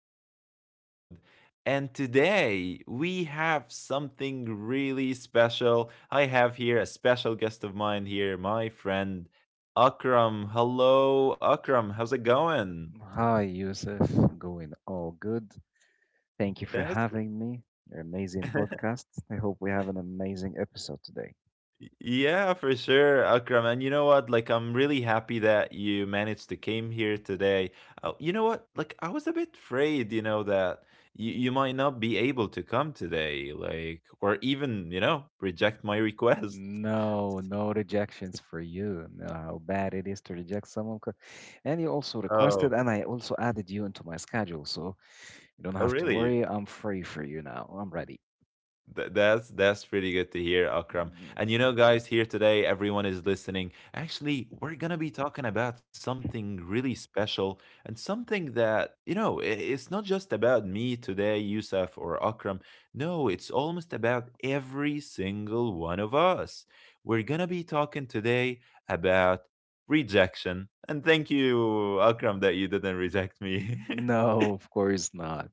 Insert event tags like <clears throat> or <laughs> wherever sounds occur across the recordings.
new episode. And today we have something really special. I have here a special guest of mine here, my friend Akram. Hello, Akram. How's it going? Hi, Yusuf. Going all good. Thank you for That's having me. Your amazing podcast. I hope we have an amazing episode today. yeah, for sure, Akram. And you know what? Like, I'm really happy that you managed to came here today. You know what? Like, I was a bit afraid, that you might not be able to come today, like, or even, you know, reject my request. No, no rejections for you. No, how bad it is to reject someone. And you also <laughs> Oh, requested, and I also added you into my schedule. So you don't oh, have to really? worry. I'm free for you now. I'm ready. That's pretty good to hear, Akram. Mm, yes. And you know, guys, here today, everyone is listening. Actually, we're gonna be talking about something really special and something that you know, it's not just about me today, Yusuf or Akram. No, it's almost about every single one of us. We're gonna be talking today about rejection. And thank you, Akram, that you didn't reject me. <laughs> No, of course not.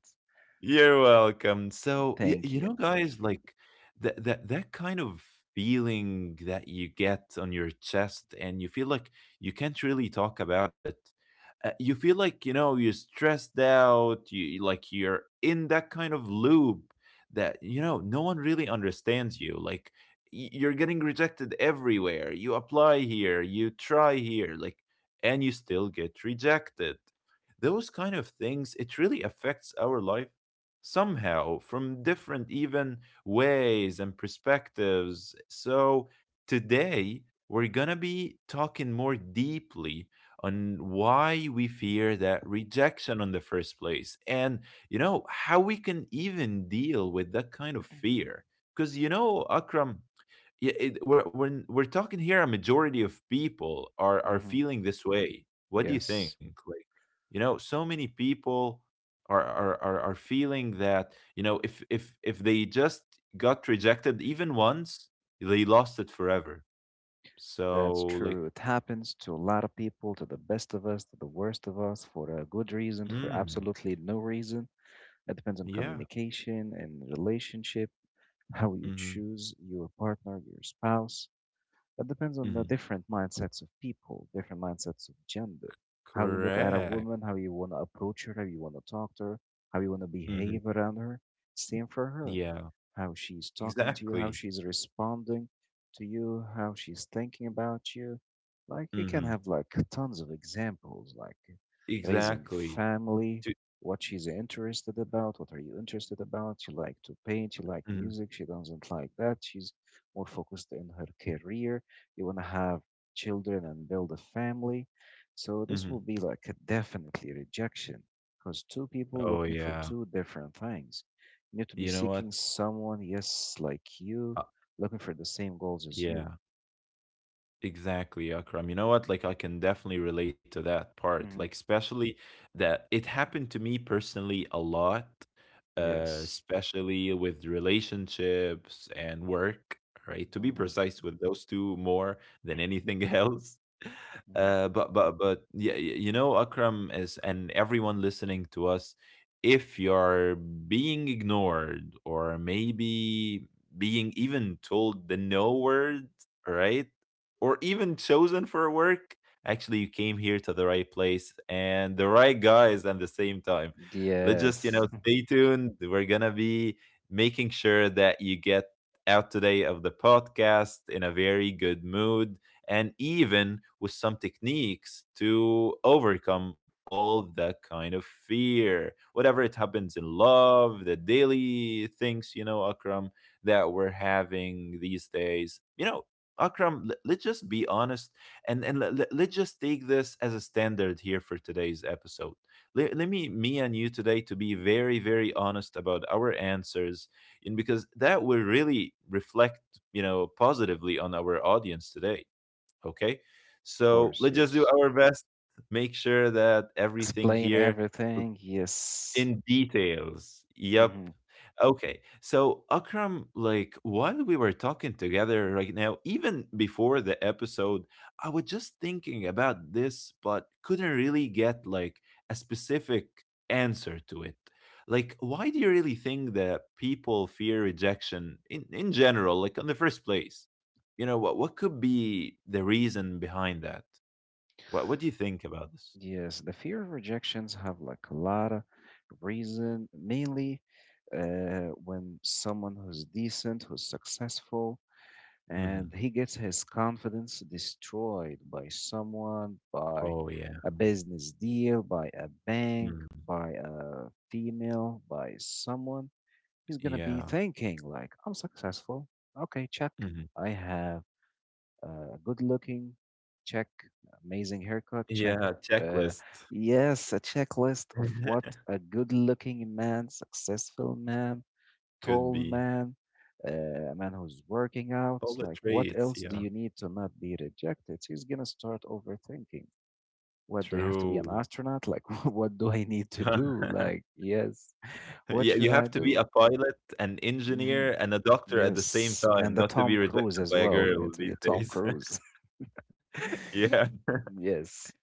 You're welcome. So, Thank you you. know, guys, like that kind of feeling that you get on your chest, and you feel like you can't really talk about it. You feel like you know you're stressed out. You like you're in that kind of loop that you know no one really understands you. Like you're getting rejected everywhere. You apply here, you try here, like, and you still get rejected. Those kind of things, it really affects our life somehow from different even ways and perspectives. So today we're going to be talking more deeply on why we fear that rejection in the first place, and you know how we can even deal with that kind of fear, because you know, Akram, yeah, it, we're talking here. A majority of people are hmm feeling this way. What do you Yes. think? Like, you know, so many people are feeling that you know, if they just got rejected even once, they lost it forever. So That's like, true. It happens to a lot of people, to the best of us, to the worst of us, for a good reason, for mm, absolutely no reason. It depends on yeah, communication and relationship, <laughs> how you mm-hmm, choose your partner, your spouse, that depends on the mm-hmm, different mindsets of people, different mindsets of gender, how you look at a correct, woman, how you want to approach her, how you want to talk to her, how you want to mm-hmm, behave around her. Same for her, yeah, how she's talking to you, how exactly, she's responding to you, how she's thinking about you. Like you can mm-hmm, have like tons of examples, like raising exactly. family, To, what she's interested about, what are you interested about? She like to paint, she like mm-hmm, music, she doesn't like that. She's more focused in her career. You want to have children and build a family. So this mm-hmm. will be like a definitely rejection because two people Oh looking for yeah, two different things. You need to be you know what? seeking someone, yes, like you, Uh, looking for the same goals as you. yeah. Exactly, Akram. You know what? Like, I can definitely relate to that part. hmm Like, especially that it happened to me personally a lot, Yes. especially with relationships and work, right? To be hmm precise, with those two more than anything <laughs> else. hmm But yeah, you know, Akram is and everyone listening to us, if you're being ignored or maybe being even told the no word, right? Or even chosen for work, actually you came here to the right place and the right guys at the same time. Let's just, you Yes, know, <laughs> of stay tuned. We're gonna be making sure that you get out today of the podcast in a very good mood, and even with some techniques to overcome all that kind of fear whatever it happens in love, the daily things, you know, Akram, that we're having these days. You know, Akram, let's just be honest, and let's just take this as a standard here for today's episode. Let me, me and you today, to be very, very honest about our answers, and because that will really reflect, you know, positively on our audience today. Okay. So course, let's just do yes. our best. Make sure that everything Explain here everything, in yes. details. Yep. hmm Okay. So Akram, like while we were talking together right now, even before the episode, I was just thinking about this, but couldn't really get like a specific answer to it. Like, why do you really think that people fear rejection in general, like in the first place? You know, what could be the reason behind that? What do you think about this? Yes, the fear of rejections have like a lot of reason, mainly when someone who's decent, who's successful, Mhm. and he gets his confidence destroyed by someone, by Oh, yeah. a business deal, by a bank, Mm. by a female, by someone, he's gonna be Yeah. thinking like, I'm successful. Okay, check. Mhm. I have good looking, check, amazing haircut, check. Yeah, Uh, checklist. yes, a checklist of what <laughs> a good looking man, successful man, Could tall be. man, a man who's working out, All the like what traits, else do yeah. you need to not be rejected? He's gonna start overthinking. What do I have to be an True. astronaut? Like, <laughs> what do I need to do? <laughs> Like, yes, what Yeah, should you I have to be do? a pilot, an hmm engineer, and a doctor at the same Yes, time, and the not to Tom be Cruise rejected as by a well. You girl need to be a these Tom days. <laughs> Cruise. Yeah. Yes.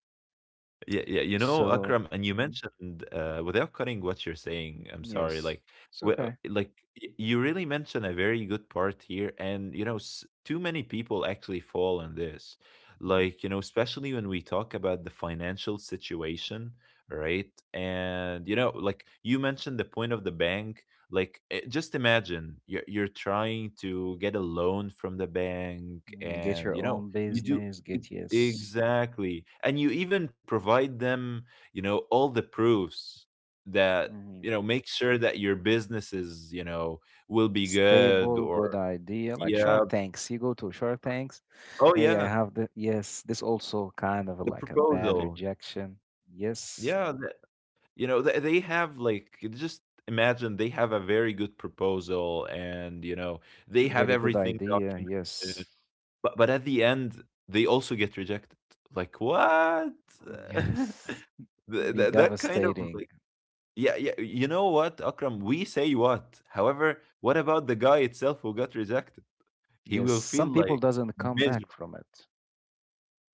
Yeah, yeah, you know, So, Akram, and you mhm, mentioned without cutting what you're saying, I'm sorry, yes, like, it's okay. like you really mentioned a very good part here, and you know, too many people actually fall in this, Mhm, like, you know, especially when we talk about the financial situation, right? And you know, like you mentioned the point of the bank, like, eh, just imagine you're trying to get a loan from the bank, mhm. Get and your you know, own you do. business, get yes, Exactly. And you even provide them, you know, all the proofs that, mhm, you know, make sure that your businesses, you know, will be good stable, good or, idea. Like yeah. Shark Tanks, you go to Shark Tanks. Oh, Hey, I yeah. have the yes, this also kind of The like a bad proposal. rejection. Yes, Yeah. You know, they have like, just imagine they have a very good proposal and, you know, they have very good everything idea. Yes. documented. But at the end, they also get rejected. Like, what? <laughs> Yes. Be That kind of devastating. yeah, yeah. You know what, Akram? We say what. However, what about the guy itself who got rejected? He Yes, will feel some people like doesn't come back miserable. from it.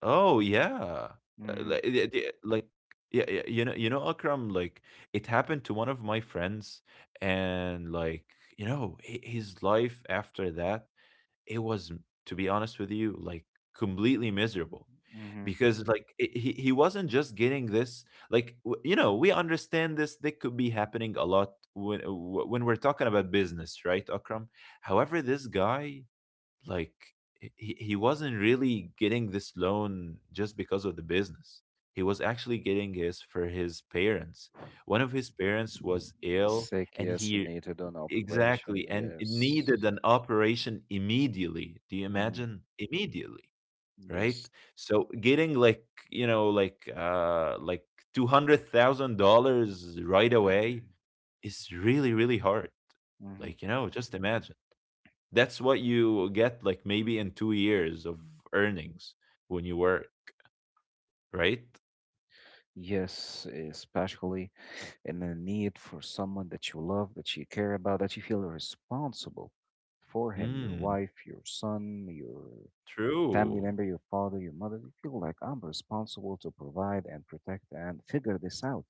Oh yeah, hmm like like, yeah, yeah. You know, Akram. Like it happened to one of my friends, and like you know, his life after that it was, to be honest with you, like completely miserable hmm because like it, he wasn't just getting this like you know we understand this they could be happening a lot when when we're talking about business, right, Akram? However, this guy like he wasn't really getting this loan just because of the business, he was actually getting this for his parents. One of his parents was ill, Sick, and yes, and he needed an operation, exactly, and it needed yes. an operation immediately. Do you hmm imagine? Immediately, right? Yes. So getting like, you know, like $200,000 right away <clears throat> is really, really hard. hmm Like, you know, just imagine. That's what you get like maybe in 2 years of earnings when you work, right? Yes, especially in the need for someone that you love, that you care about, that you feel responsible for him, your Mm, wife, your son, your family true. member, your father, your mother. You feel like I'm responsible to provide and protect and figure this out.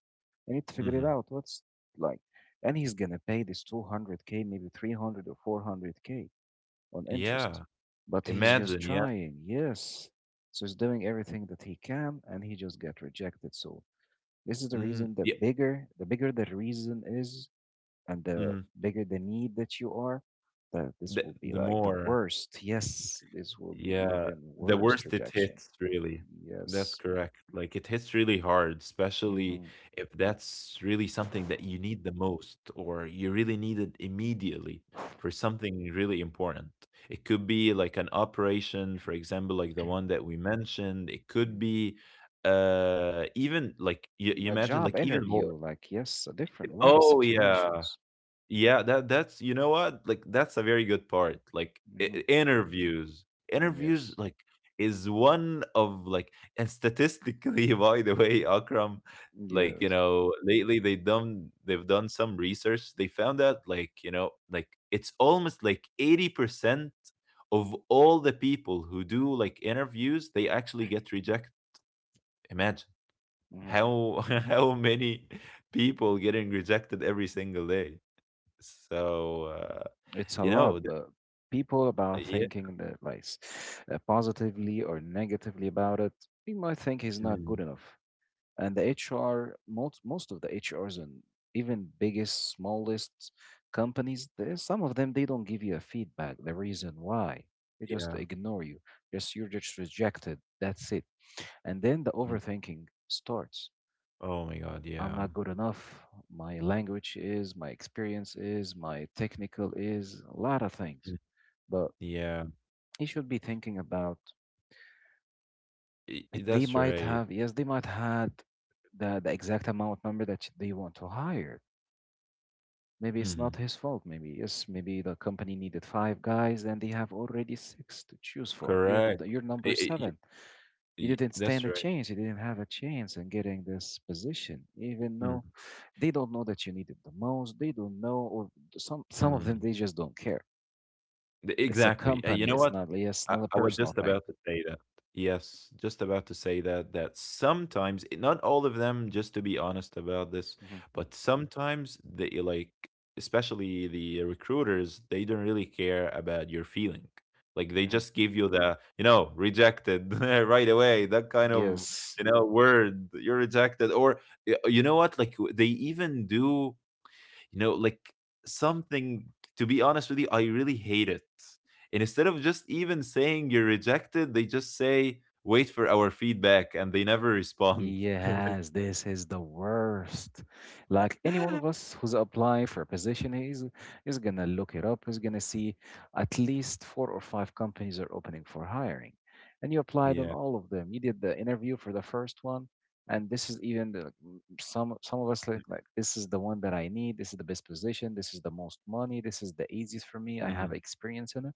I need to figure it Hmm. out. Like, and he's gonna pay this 200k, maybe 300 or 400k on interest. Yeah. But he's just Imagine, yeah. trying, yes. So he's doing everything that he can and he just got rejected. So this is the Hmm. reason the Yeah. bigger the reason is, and the Hmm. bigger the need that you are, that this will be The like the more. worst. Yes, this will be Yeah, even the worst worst it rejection. hits, really. That's Yes. correct. Like it hits really hard, especially Mm-hmm. if that's really something that you need the most or you really need it immediately for something really important. It could be like an operation, for example, like the <clears throat> one that we mentioned. It could Mm. be even like you A imagine job like even more. interview, like yes, a different lot of Oh yeah. situations. Yeah, that that's you know what? Like that's a very good part. Like I hmm interviews. Interviews Yes, like is one of like and statistically <laughs> by the way, Akram, like you yes. know, lately they've done some research. They found out like, you know, like it's almost like 80% of all the people who do like interviews, they actually get rejected. Imagine Mhm. how <laughs> how many people getting rejected every single day. So, It's a you lot, know, the but people about yeah, thinking that like positively or negatively about it, we might think he's not mm, good enough. And the HR, most of the HRs and even biggest, smallest companies, there some of them they don't give you a feedback. The reason why they just yeah, ignore you. Just you're just rejected. That's it. And then the mm. overthinking starts. Oh my God, I'm yeah, not good enough. My language is, my experience is, my technical is, a lot of things. mm, But yeah, you should be thinking about it. I They that's might right. have, yes, they might had the exact amount number that they want to hire. Maybe it's Mhm, not his fault. Maybe yes, maybe the company needed five guys and they have already six to choose from. You're the, correct. you're number I y seven. You y didn't stand a That's right. chance. You didn't have a chance in getting this position, Mm, even though they don't know that you need it the most. They don't know, or some of mm. them they just don't care. The It's a Exactly. You company. know It's what? not. Yeah, it's I not a I was personal just about thing. to say that. Yes, just about to say that that sometimes, eh, not all of them, just to be honest about this, hmm but sometimes they like, especially the recruiters, they don't really care about your feeling. Like they hmm just give you the, you know, rejected <laughs> right away, that kind of, Yes. you know, word, you're rejected. Or you know what? Like they even do you know, like something, to be honest with you, I really hate it. And instead of just even saying you're rejected, they just say, wait for our feedback, and they never respond. <laughs> Yes, this is the worst. Like any one of Like, us who's applying for a position, he's is gonna look it up. He's gonna see at least four or five companies are opening for hiring, and you applied on yeah. all of them. You did the interview for the first one, and this is even the, like, some of us like this is the one that I need. This is the best position. This is the most money. This is the easiest for me. I Hmm. have experience in it,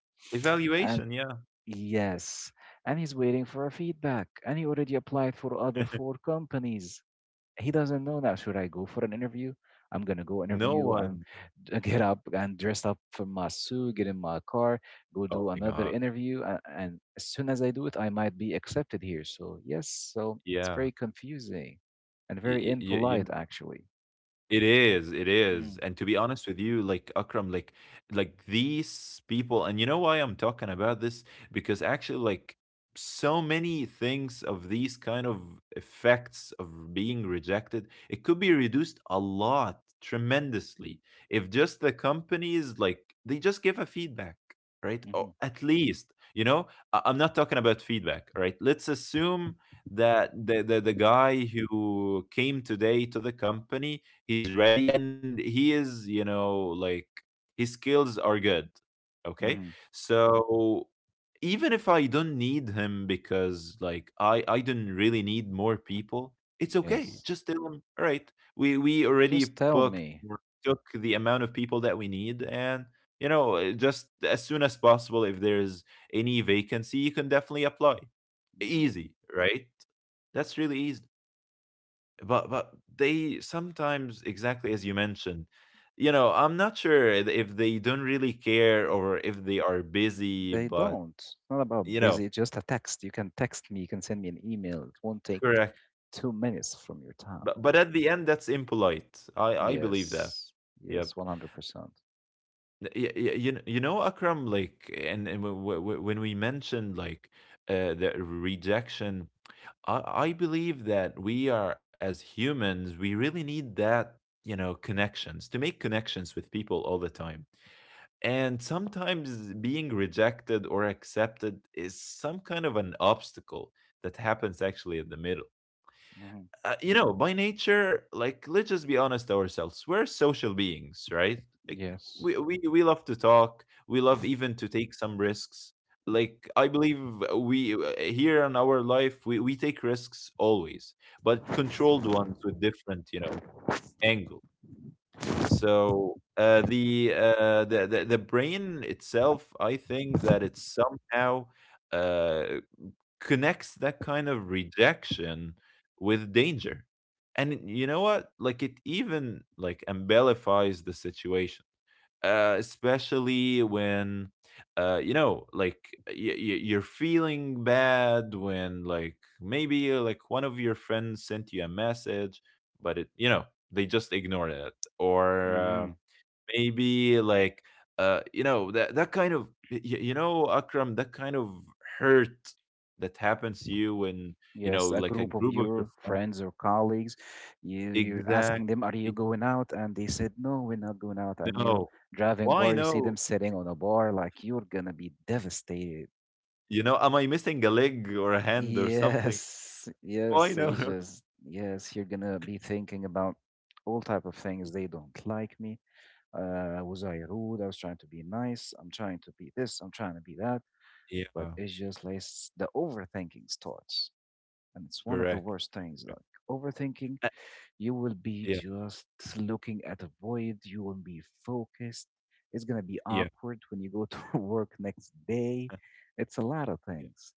and Evaluation, yeah. yes, and he's waiting for a feedback, and he already applied for other four companies. He doesn't know now. Should I go for an interview? I'm gonna go No interview and one. <laughs> Get Yeah. up and dress up for my suit, get in my car, go Oh do my another God. interview, and, as soon as I do it, I might be accepted here. So yes, so it's Yeah. very confusing and very You, impolite, actually. it is, it hmm is. And to be honest with you, like Akram, like these people, and you know why I'm talking about this? Because actually, like so many things of these kind of effects of being rejected, it could be reduced a lot, tremendously, if just the companies like they just give a feedback, right? Or hmm at least, you know, I'm not talking about feedback, right? Let's assume that the guy who came today to the company he's ready and he is like his skills are good. Okay, hmm so even if I don't need him, because like I don't really need more people, it's okay, Yes, just tell him, all right, we already just tell booked me. or took the amount of people that we need, and you know, just as soon as possible, if there's any vacancy, you can definitely apply. Mm-hmm. Easy, right? That's really easy. But they sometimes, exactly as you mentioned, you know, I'm not sure if they don't really care or if they are busy, They but don't. It's not about you know. busy, it's just a text. You can text me, you can send me an email. It won't take Correct. 2 minutes from your time. But at the end that's impolite, I believe that. Yes. Yep. Yes, 100%. You know Akram, like and when we mentioned like the rejection, I believe that we, are as humans, we really need that, you know, connections, to make connections with people all the time. And sometimes being rejected or accepted is some kind of an obstacle that happens actually in the middle. hmm You know, by nature, like, let's just be honest ourselves, we're social beings, right? Like Yes. we love to talk, we love even to take some risks. Like I believe we, here in our life, we take risks always, but controlled ones with different, you know, angles. So, the, the brain itself, I think that it somehow uh, connects that kind of rejection with danger, and you know what? Like it even like embellifies the situation, especially when you know, like you're feeling bad when, like, maybe like one of your friends sent you a message, but it, you know, they just ignored it. Or. Hmm Maybe like, you know that kind of, you know, Akram, that kind of hurt that happens to you when, you know, Yes, a like a group of group of your your friends. friends or colleagues, you, you're Exactly. asking them, are you going out? And they said, no, we're not going out. And you No. driving Why bar, you see no? them sitting on a bar, like you're going to be devastated. You know, am I missing a leg or a hand or something? Yes, Why yes, no? <laughs> ages. Yes, you're gonna be thinking about all type of things. They don't like me. Was I rude? I was trying to be nice. I'm trying to be this. I'm trying to be that. But Yeah. it's just like the overthinking starts, and it's one of the Correct. worst things. Like overthinking, Uh, you will be yeah. just looking at a void. You won't be focused. It's gonna be Yeah. awkward when you go to <laughs> work next day. uh, It's a lot of yeah. things.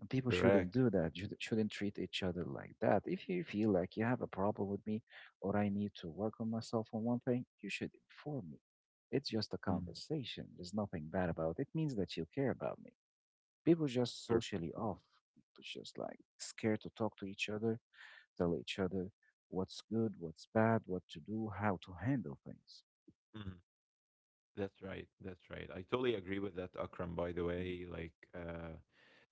And people shouldn't Correct. do that. You shouldn't treat each other like that. If you feel like you have a problem with me or I need to work on myself on one thing, you should inform me. It's just a Mm, conversation. There's nothing bad about it. It means that you care about me. People just correct. socially off. People just like scared to talk to each other, tell each other what's good, what's bad, what to do, how to handle things. Mm. That's right. That's right. I totally agree with that, Akram, by the Mm-hmm. way. Like,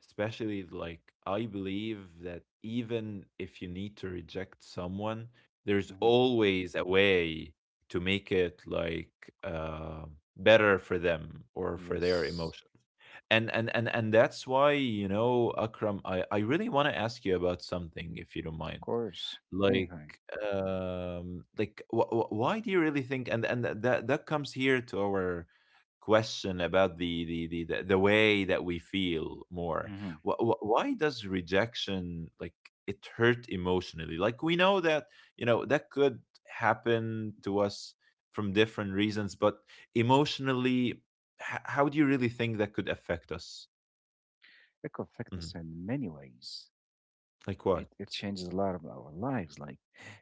especially like, I believe that even if you need to reject someone, there's Mm-hmm. always a way to make it like, uh, better for them or for their Yes, emotions. And that's why, you know, Akram, I really want to ask you about something, if you don't of mind. course. Like Anything. Like, why do you really think, and that comes here to our question about the way that we feel more. hmm Why does rejection like, it hurt emotionally? Like, we know that, you know, that could happen to us from different reasons, but emotionally, how do you really think that could affect us? It could affect Mhm. us in many ways. Like what? It changes a lot of our lives. Like,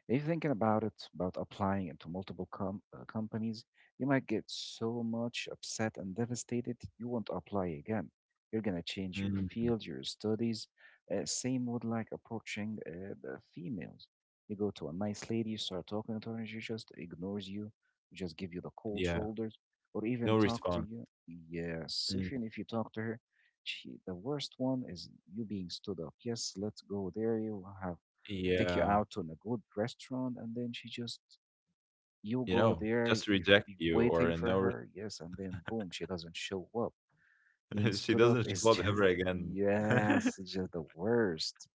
if you're thinking about it, about applying into multiple companies, you might get so much upset and devastated, you won't apply again. You're gonna change your Mhm. field, your studies. Same with like approaching the females. You go to a nice lady, you start talking to her, and she just ignores you, just give you the cold Yeah. shoulders, or even No talk to response. you. Yes, Mm, even if you talk to her, gee, the worst one is you being stood up. Yes, let's go there. You have take you yeah. out to a good restaurant, and then she just you You go know, there. just reject You're you waiting or for no. her. Yes, and then boom, she doesn't show up. Being <laughs> She stood up doesn't show is <laughs> up ever just again. <laughs> yes, it's just the worst.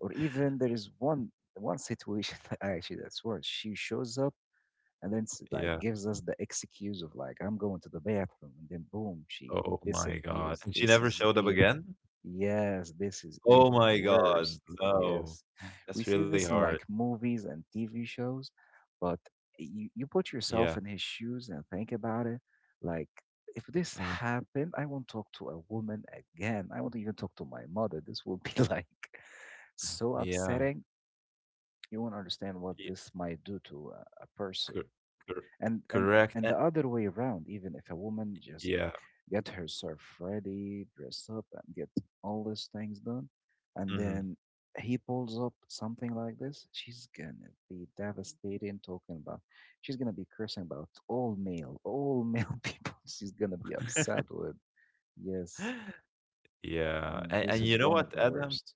Or even there is one situation <laughs> that actually that's worse. She shows up and then like Yeah. gives us the excuse of like I'm going to the bathroom, and then boom, she Oh my god. disappears. And she This never is showed up yeah, again? yes, this is Oh even my god. worse. No. Yes. We That's see really this in hard. like movies and TV shows, but you Yeah. put yourself in his shoes and think about it. Like, if Mm. this happened, I won't talk to a woman again. I won't even talk to my mother. This will be <laughs> like so Yeah. upsetting. You won't understand what Yeah. this might do to a Cor person. cor And, and Correct. and Eh, the other way around, even if a woman just yeah. get herself ready, dress up, and get all these things done. And Mhm. then he pulls up something like this. She's gonna be devastated talking about. She's gonna be cursing about all male <laughs> people. She's gonna be upset with. Yes, <gasps> Yeah. and this And you is know one of what, the Adam? worst.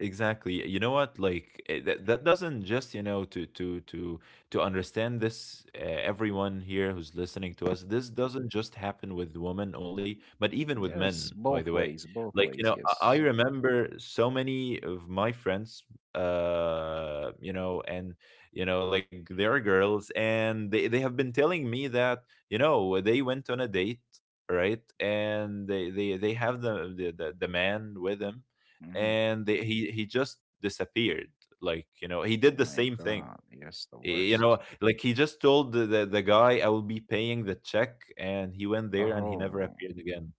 Exactly. You know what? Like, that doesn't just, you know, to understand this. Everyone here who's listening to us, this doesn't just happen with women only, but even with men. Yes, By the both way, ways, both like, you ways. know, I Yes. remember so many of my friends. You know, and you know, like, they are girls, and they have been telling me that, you know, they went on a date, right? And they have the man with them, Hmm. and they, he just disappeared. Like, you know, he did the My same thing. God, yes, the You know, worst. like, he just told the guy, "I will be paying the check," and he went there and he never Oh, appeared again.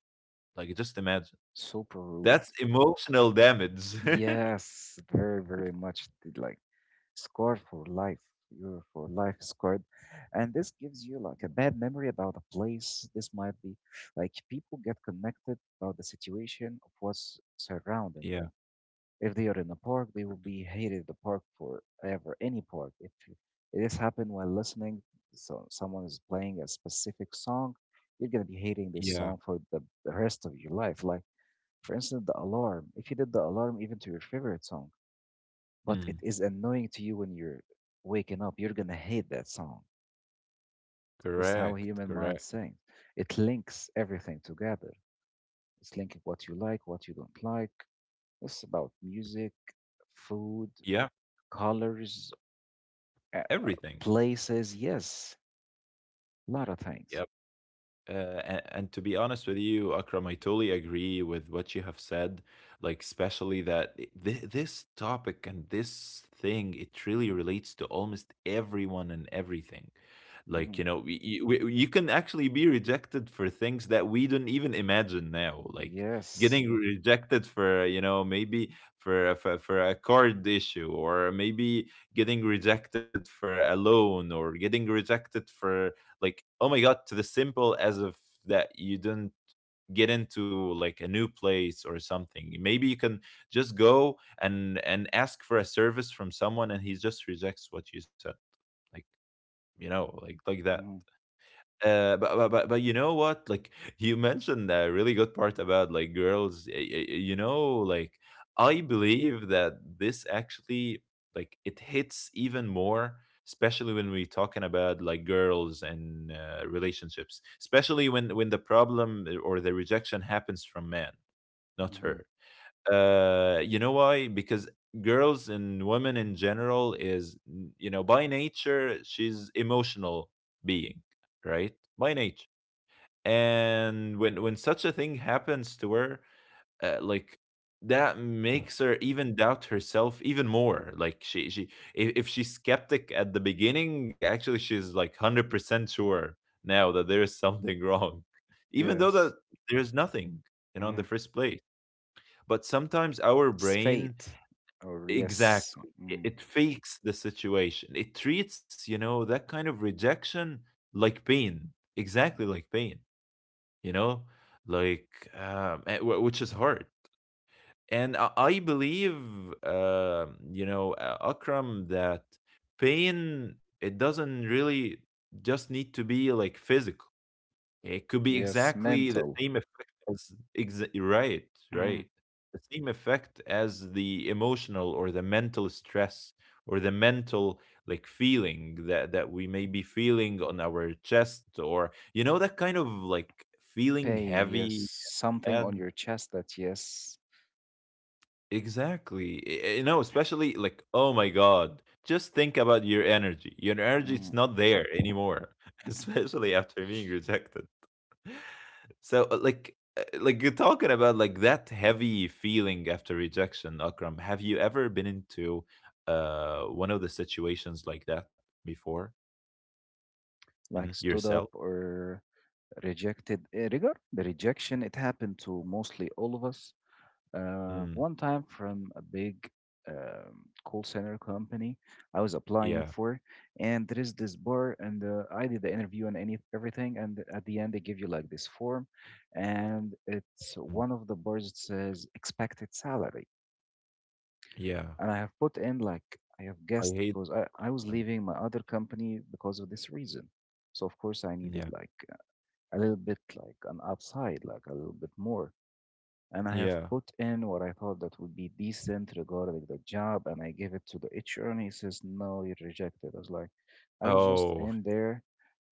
Like, just imagine, super that's rude. emotional damage. <laughs> Yes, very, very much, like, scarred for life. You're for life <laughs> scarred. And this gives you like a bad memory about a place. This might be, like, people get connected about the situation of what's surrounding them. Yeah. If they are in a park, they will be hated the park forever, any park. If you- This happened while listening, so someone is playing a specific song. You're gonna be hating this Yeah. song for the rest of your life. Like for instance, the alarm. If you did the alarm even to your favorite song, but it Mm. is annoying to you when you're waking up. You're gonna hate that song. This is how Correct, human mind correct. sings. It links everything together. It's linking what you like, what you don't like. It's about music, food, Yeah, colors, uh, everything. places. Yes, lot of things. And to be honest with you, Akram, I totally agree with what you have said. Like, especially that this topic and this thing, it really relates to almost everyone and everything. Like, Hmm. you know, you can actually be rejected for things that we don't even imagine now. Like, Yes. getting rejected for, you know, maybe for, for a card issue, or maybe getting rejected for a loan, or getting rejected for, like, oh my god, to the simple as if that you didn't get into like a new place or something. Maybe you can just go and ask for a service from someone and he just rejects what you said, like, you know, like that. Hmm. But you know what? Like, <laughs> you mentioned a really good part about like girls. You know, like, I believe that this actually, like, it hits even more, especially when we're talking about like girls and, relationships. Especially when the problem, or the rejection, happens from man, not Hmm. her. You know why? Because girls and women in general is, you know, by nature, she's emotional being, right? By nature. And when such a thing happens to her, like, that makes her even doubt herself even more. Like she if she's skeptic at the beginning, actually she's like 100% sure now that there is something wrong, <laughs> even though that Yes. there's nothing, you know, in the Hmm. first place. But sometimes our It's brain, fate, or yes, exactly. It, mm, it fakes the situation. It treats, you know, that kind of rejection like pain. Exactly mm, like pain, you know, like, which is hard. And I believe, you know, Akram, that pain, it doesn't really just need to be like physical. It could be yes, exactly the mental, same effect as, exa right, mm, right. The same effect as the emotional or the mental stress, or the mental like feeling that we may be feeling on our chest, or you know, that kind of like feeling pain. Yes, heavy. something on And your chest that, yes. exactly, you know, especially like, oh my god, just think about your energy. Your energy, it's Mm. not there anymore. <laughs> Especially after being rejected. So, like, you're talking about Mm. like that heavy feeling after rejection, Akram. Have you ever been into one of the situations like that before, hmm, Like stood yourself? up or rejected, regard the rejection. It happened to mostly all of us. Mm, One time from a big call center company I was yeah, applying for, and there is this bar, and I did the interview and any everything, and at the end they give you like this form, and it's mm, one of the bars that says expected salary, yeah. and I have put in, like, I have I guessed, hate because I was them. leaving my other company because of this reason, so of course I Yeah, needed like a little bit like an upside, like a little bit more, and I have yeah. put in what I thought that would be decent regarding the job, and I gave it to the HR, and he says, "No, you're rejected." I was like, "I was just Oh, in there."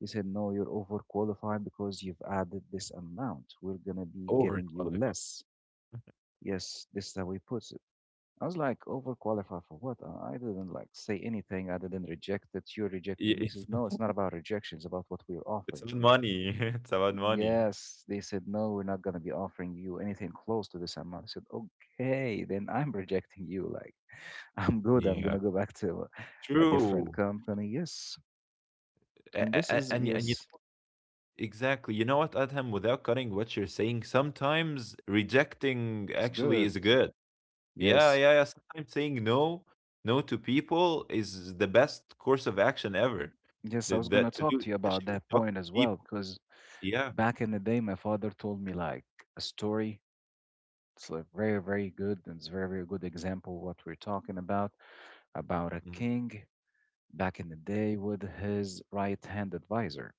He said, "No, you're overqualified because you've added this amount. We're gonna be giving you overqualified. less." Yes, this is how he puts it. I was like, "Overqualified for what? I didn't like say anything. I didn't reject it. You rejected me." Y- He says, <laughs> "No, it's not about rejection. It's about what we're It's offering." about money. <laughs> It's about money. Yes, they said, no, we're not going to be offering you anything close to this amount. I said, okay, then I'm rejecting you. Like, <laughs> I'm good. I'm going Yeah, to go back to a different true. company. Yes. And this is, And and you, yes, exactly. You know what, Adham? Without cutting what you're saying, sometimes rejecting it's actually good. is good. Yeah, Yes. yeah, yeah. Sometimes saying no, no to people is the best course of action ever. Yes. I That, was going that to to talk do, to you about especially with that toxic point as well, people. because Yeah. back in the day, my father told me like a story. It's like very, very good. And it's very, very good example what we're talking about a Mm, king back in the day with his right hand advisor.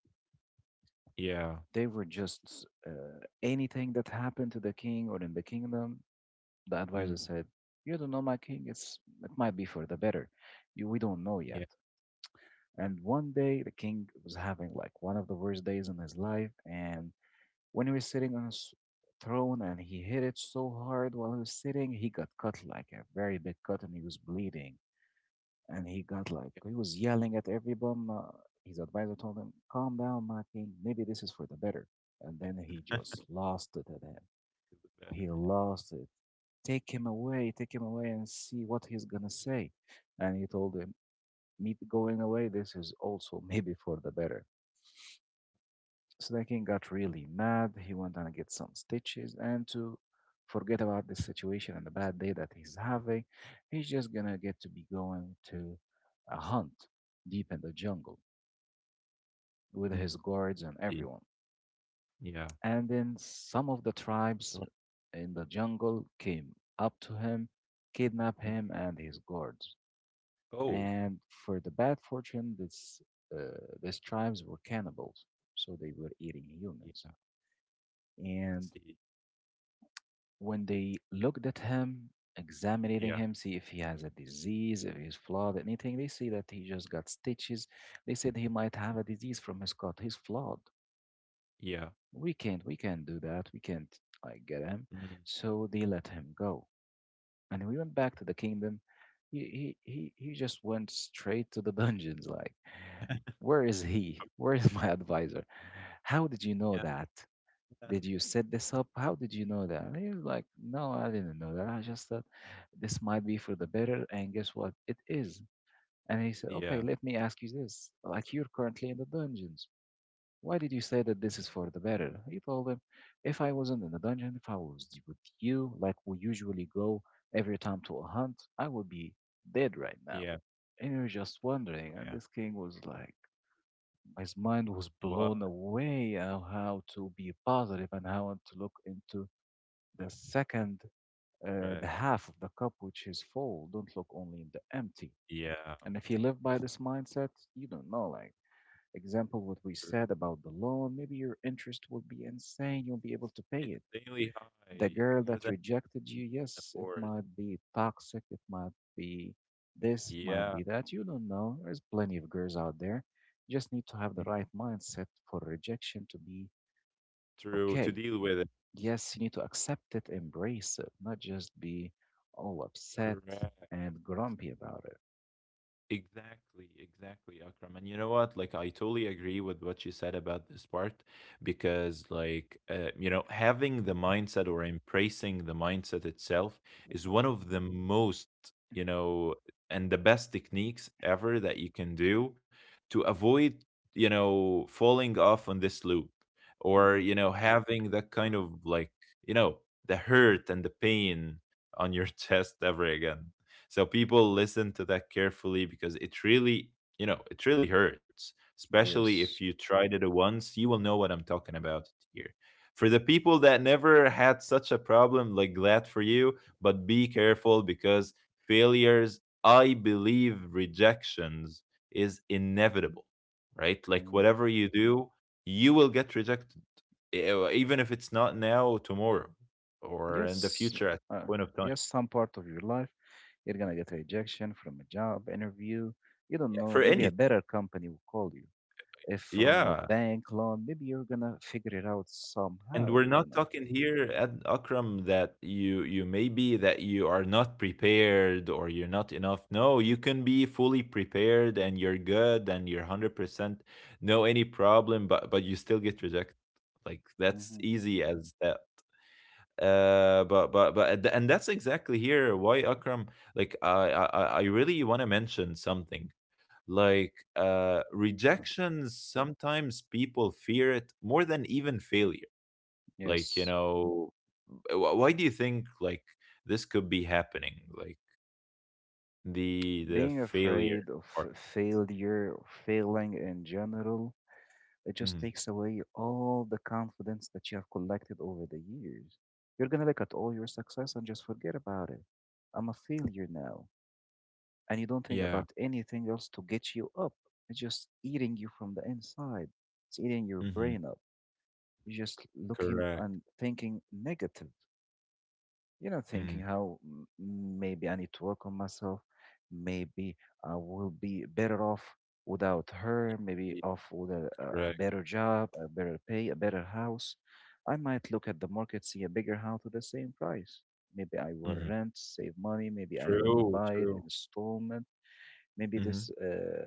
yeah. They were just, anything that happened to the king or in the kingdom. The advisor Mm, said, "You don't know my king. It might be for the better. We don't know yet." yeah. And one day, the king was having like one of the worst days in his life, and when he was sitting on his throne and he hit it so hard while he was sitting, he got cut like a very big cut, and he was bleeding. And he got like, Yeah. he was yelling at everyone. His advisor told him, "Calm down, my king. Maybe this is for the better." And then he just lost it at him. It's better. He lost it. "Take him away, take him away, and see what he's going to say." And he told him, "Me going away, this is also maybe for the better." So the king got really mad. He went and get some stitches and to forget about the situation and the bad day that he's having. He's just going to get to be going to a hunt deep in the jungle, with Yeah. Mm, his guards and indeed. everyone. Yeah. And then some of the tribes Mm, in the jungle came up to him, kidnapped mm. him and his guards. Oh. And for the bad fortune, uh, these tribes were cannibals, so they were eating humans. Yeah. I And see. when they looked at him, examining Yeah. him, see if he has a disease, if he's flawed, anything, they see that he just got stitches. They said he might have a disease from his cut. He's flawed. Yeah. We can't do that, we can't, like, get him. Mm, So they let him go, and we went back to the kingdom. He just went straight to the <laughs> dungeons. Like, where is he, where is <laughs> my advisor? How did you know yeah. that? Man. Did you set this up? How did you know that? And he was like, no, I didn't know that. I just thought this might be for the better, and guess what, it is. And he said, okay, Yeah. let me ask you this. Like, you're currently in the dungeons. Why did you say that this is for the better? He told him, if I wasn't in the dungeon, if I was with you, like we usually go every time to a hunt, I would be dead right now. Yeah. And you're just wondering. Oh, And yeah. this king was like, his mind was What? blown away of how to be positive and how to look into the second, Right. the half of the cup, which is full. Don't look only in the empty. Yeah. And if you live by this mindset, you don't know, like, example, what we True. said about the loan. Maybe your interest will be insane. You'll be able to pay It's it. insanely The high, girl more that than I rejected you, can yes, it afford. might be toxic. It might be this. It might Yeah. be that. You don't know. There's plenty of girls out there. You just need to have the Mm, right mindset for rejection to be true. To okay. deal with it. Yes, you need to accept it, embrace it, not just be all upset Correct. and grumpy about Exactly, exactly, Akram. And you know what? Like, I totally agree with what you said about this part, because, like, you know, having the mindset or embracing the mindset itself it. is one of the most, you know, and the best techniques ever that you can do to avoid, you know, falling off on this loop, or, Hmm. you know, having that kind of like, you know, the hurt and the pain on your <laughs> chest ever again. So people, listen to that carefully, because it really, you know, it really hurts. Especially if you Yes. tried it once, you will know what I'm talking about here. For the people that never had such a problem, like, glad for you, but be careful, because failures, I believe, rejections is inevitable, right? Like, Hmm. whatever you do, you will get rejected. Even if it's not now, tomorrow, or in the Yes. future at some Uh, point of time. yes, some part of your life, you're gonna get a rejection from a job interview. You don't Yeah. know. For Maybe a anything. better company will call you. If from a Yeah. bank loan, maybe you're gonna figure it out And somehow. we're You're not gonna. talking here at Akram that you maybe that you are not prepared or you're not enough. No, you can be fully prepared and you're good and you're 100%, no any problem, but you still get rejected. Like, that's Hmm. easy as that. But and that's exactly here why, Akram. Like, I really want to mention something. Like, rejections, sometimes people fear it more than even failure. Like, you Yes. know, wh why do you think, like, this could be happening? Like, the Being failure afraid of part. Failure, or failing in general, it just Mhm. takes away all the confidence that you have collected over the years. You're going to look at all your success and just forget about it. I'm a failure now. And you don't think Yeah. about anything else to get you up. It's just eating you from the inside, it's eating your Mhm. brain up. You're just looking Correct. and thinking negative, you know, thinking Mhm. how, "Maybe I need to work on myself, maybe I will be better off without her, maybe off with a Correct. better job, a better pay, a better house. I might look at the market, see a bigger house with the same price. Maybe I will Mhm. rent, save money. Maybe I will True, buy it in true. installment. Maybe this Mhm.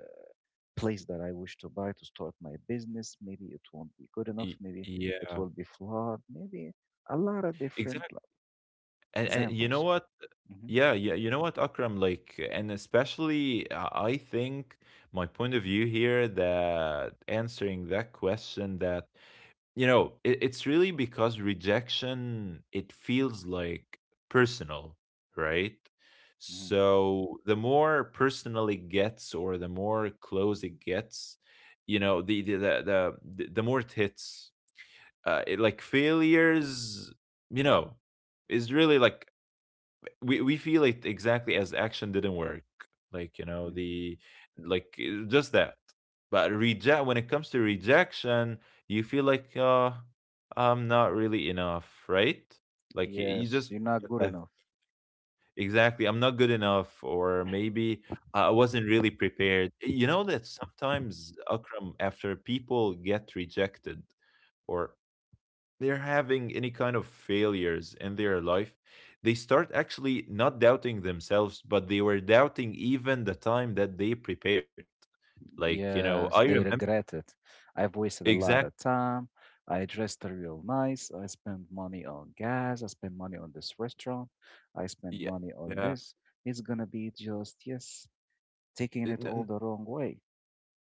place that I wish to buy to start my business, maybe it won't be good enough. Maybe it Yeah. will be flawed. Maybe a lot of different, Exactly, like, and you know examples." what? Mhm. Yeah, yeah, you know what, Akram? Like, and especially, I think my point of view here that answering that question that you know it's really because rejection it feels like personal, right? Hmm. So the more personal it gets or the more close it gets, you know the more it hits, like failures, you know, is really like we feel it exactly as action didn't work, like you know Hmm. the like just that. But reject when it comes to rejection, you feel like I'm not really enough, right? Like you Yes, just you're not good get. enough. Exactly, I'm not good enough, or maybe I wasn't really prepared. You know that sometimes Akram, after people get rejected or they're having any kind of failures in their life, they start actually not doubting themselves, but they were doubting even the time that they prepared. Like, you know, Yes, I they remember. regret it. I've wasted a lot Exactly. of time. I dressed real nice. I spent money on gas. I spent money on this restaurant. I spent Yeah. money on this. It's gonna be just, yes, taking it Yeah. all the wrong way.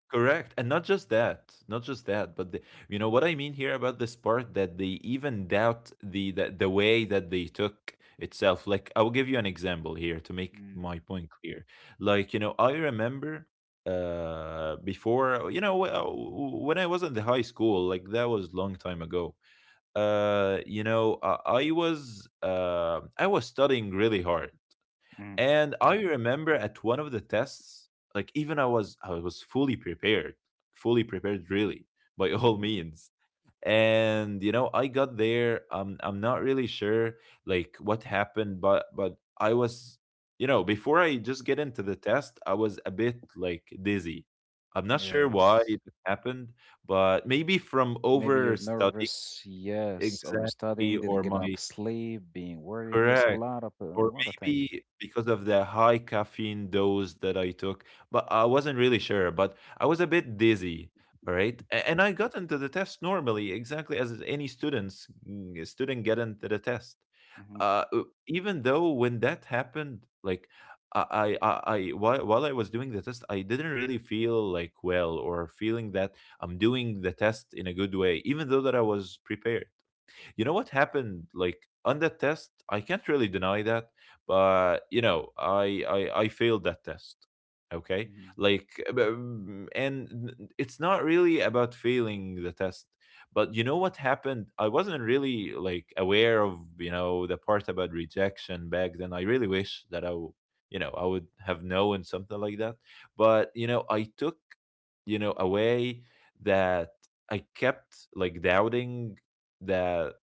Correct. And not just that, not just that, but you know what I mean here about this part that they even doubt the way that they took itself. Like, I'll give you an example here to make Mm-hmm. my point clear. Like, you know, I remember before, when I was in the high school, like that was long time ago. You know, I was studying really hard. Mm-hmm. And I remember at one of the tests, like even I was fully prepared really, <laughs> by all Mm-hmm. means. And you know, I got there. I'm not really sure like what happened, but I was, you know, before I just get into the test, I was a bit like dizzy. I'm not sure why Yes. it happened, but maybe from Maybe over you're studying. nervous, yes, Exactly, overstudying, didn't or get enough my. sleep, being worried, yes, a Correct. lot of uh, a Or lot of things. maybe because of the high caffeine dose that I took, but I wasn't really sure, but I was a bit dizzy, all right? And I got into the test normally, exactly as any students, student get into the test. Hmm. Uh, uh, even though when that happened, like while I was doing the test, I didn't really feel like well or feeling that I'm doing the test in a good way, even though that I was prepared. You know what happened? Like on that test, I can't really deny that, but you know, I failed that test. Okay, Hmm. like, and it's not really about failing the test, but you know what happened? I wasn't really like aware of, you know, the part about rejection back then. I really wish that you know, I would have known something like that. But you know, I took, you know, away that I kept like doubting that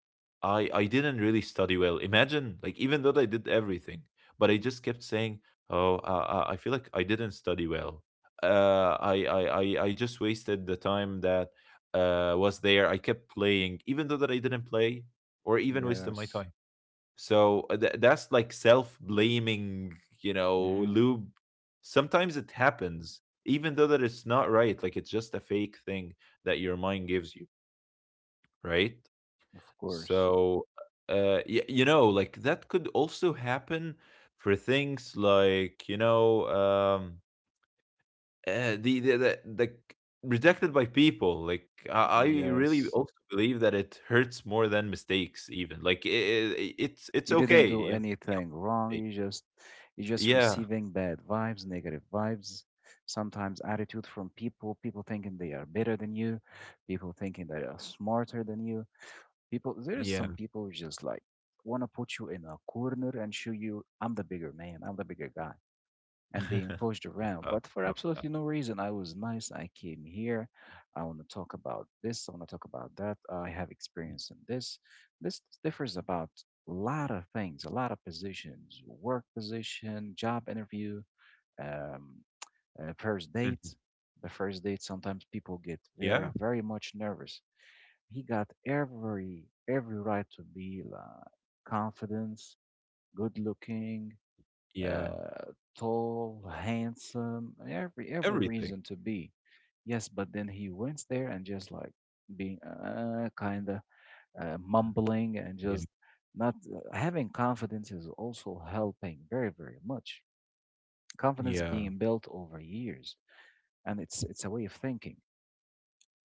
I didn't really study well. Imagine, like, even though I did everything, but I just kept saying, "Oh, I feel like I didn't study well. I just wasted the time that was there. I kept playing, even though that I didn't play, or even wasted my Yes, time." So that's like self blaming, you know, hmm, loop. Sometimes it happens, even though that it's not right. Like it's just a fake thing that your mind gives you, right? of course, So, you know, like that could also happen for things like, you know, the rejected by people. Like, I really yes. also believe that it hurts more than mistakes, even. Like, I it's You didn't okay. do You know? anything wrong. You just Yeah. receiving bad vibes, negative vibes, sometimes attitude from people. People thinking they are better than you, people thinking they are smarter than you. People, there is Yeah. some people who just like want to put you in a corner and show you I'm the bigger man, I'm the bigger guy. And being <laughs> pushed around, Uh, but for no, absolutely no reason. I was nice. I came here. I want to talk about this. I want to talk about that. I have mm, experience in this. This differs about a lot of things, a lot of positions, work position, job interview, um, first mhm. date. The first date, sometimes people get Yeah, very, very much nervous. He got every right to be, like, confidence, good looking, yeah, uh, tall, handsome, every everything. reason to be. Yes, but then he went there and just like being kind of Mhm. mumbling, and Yeah, just not having confidence is also helping very, very much. Confidence being yeah, built over years, and it's a way of thinking,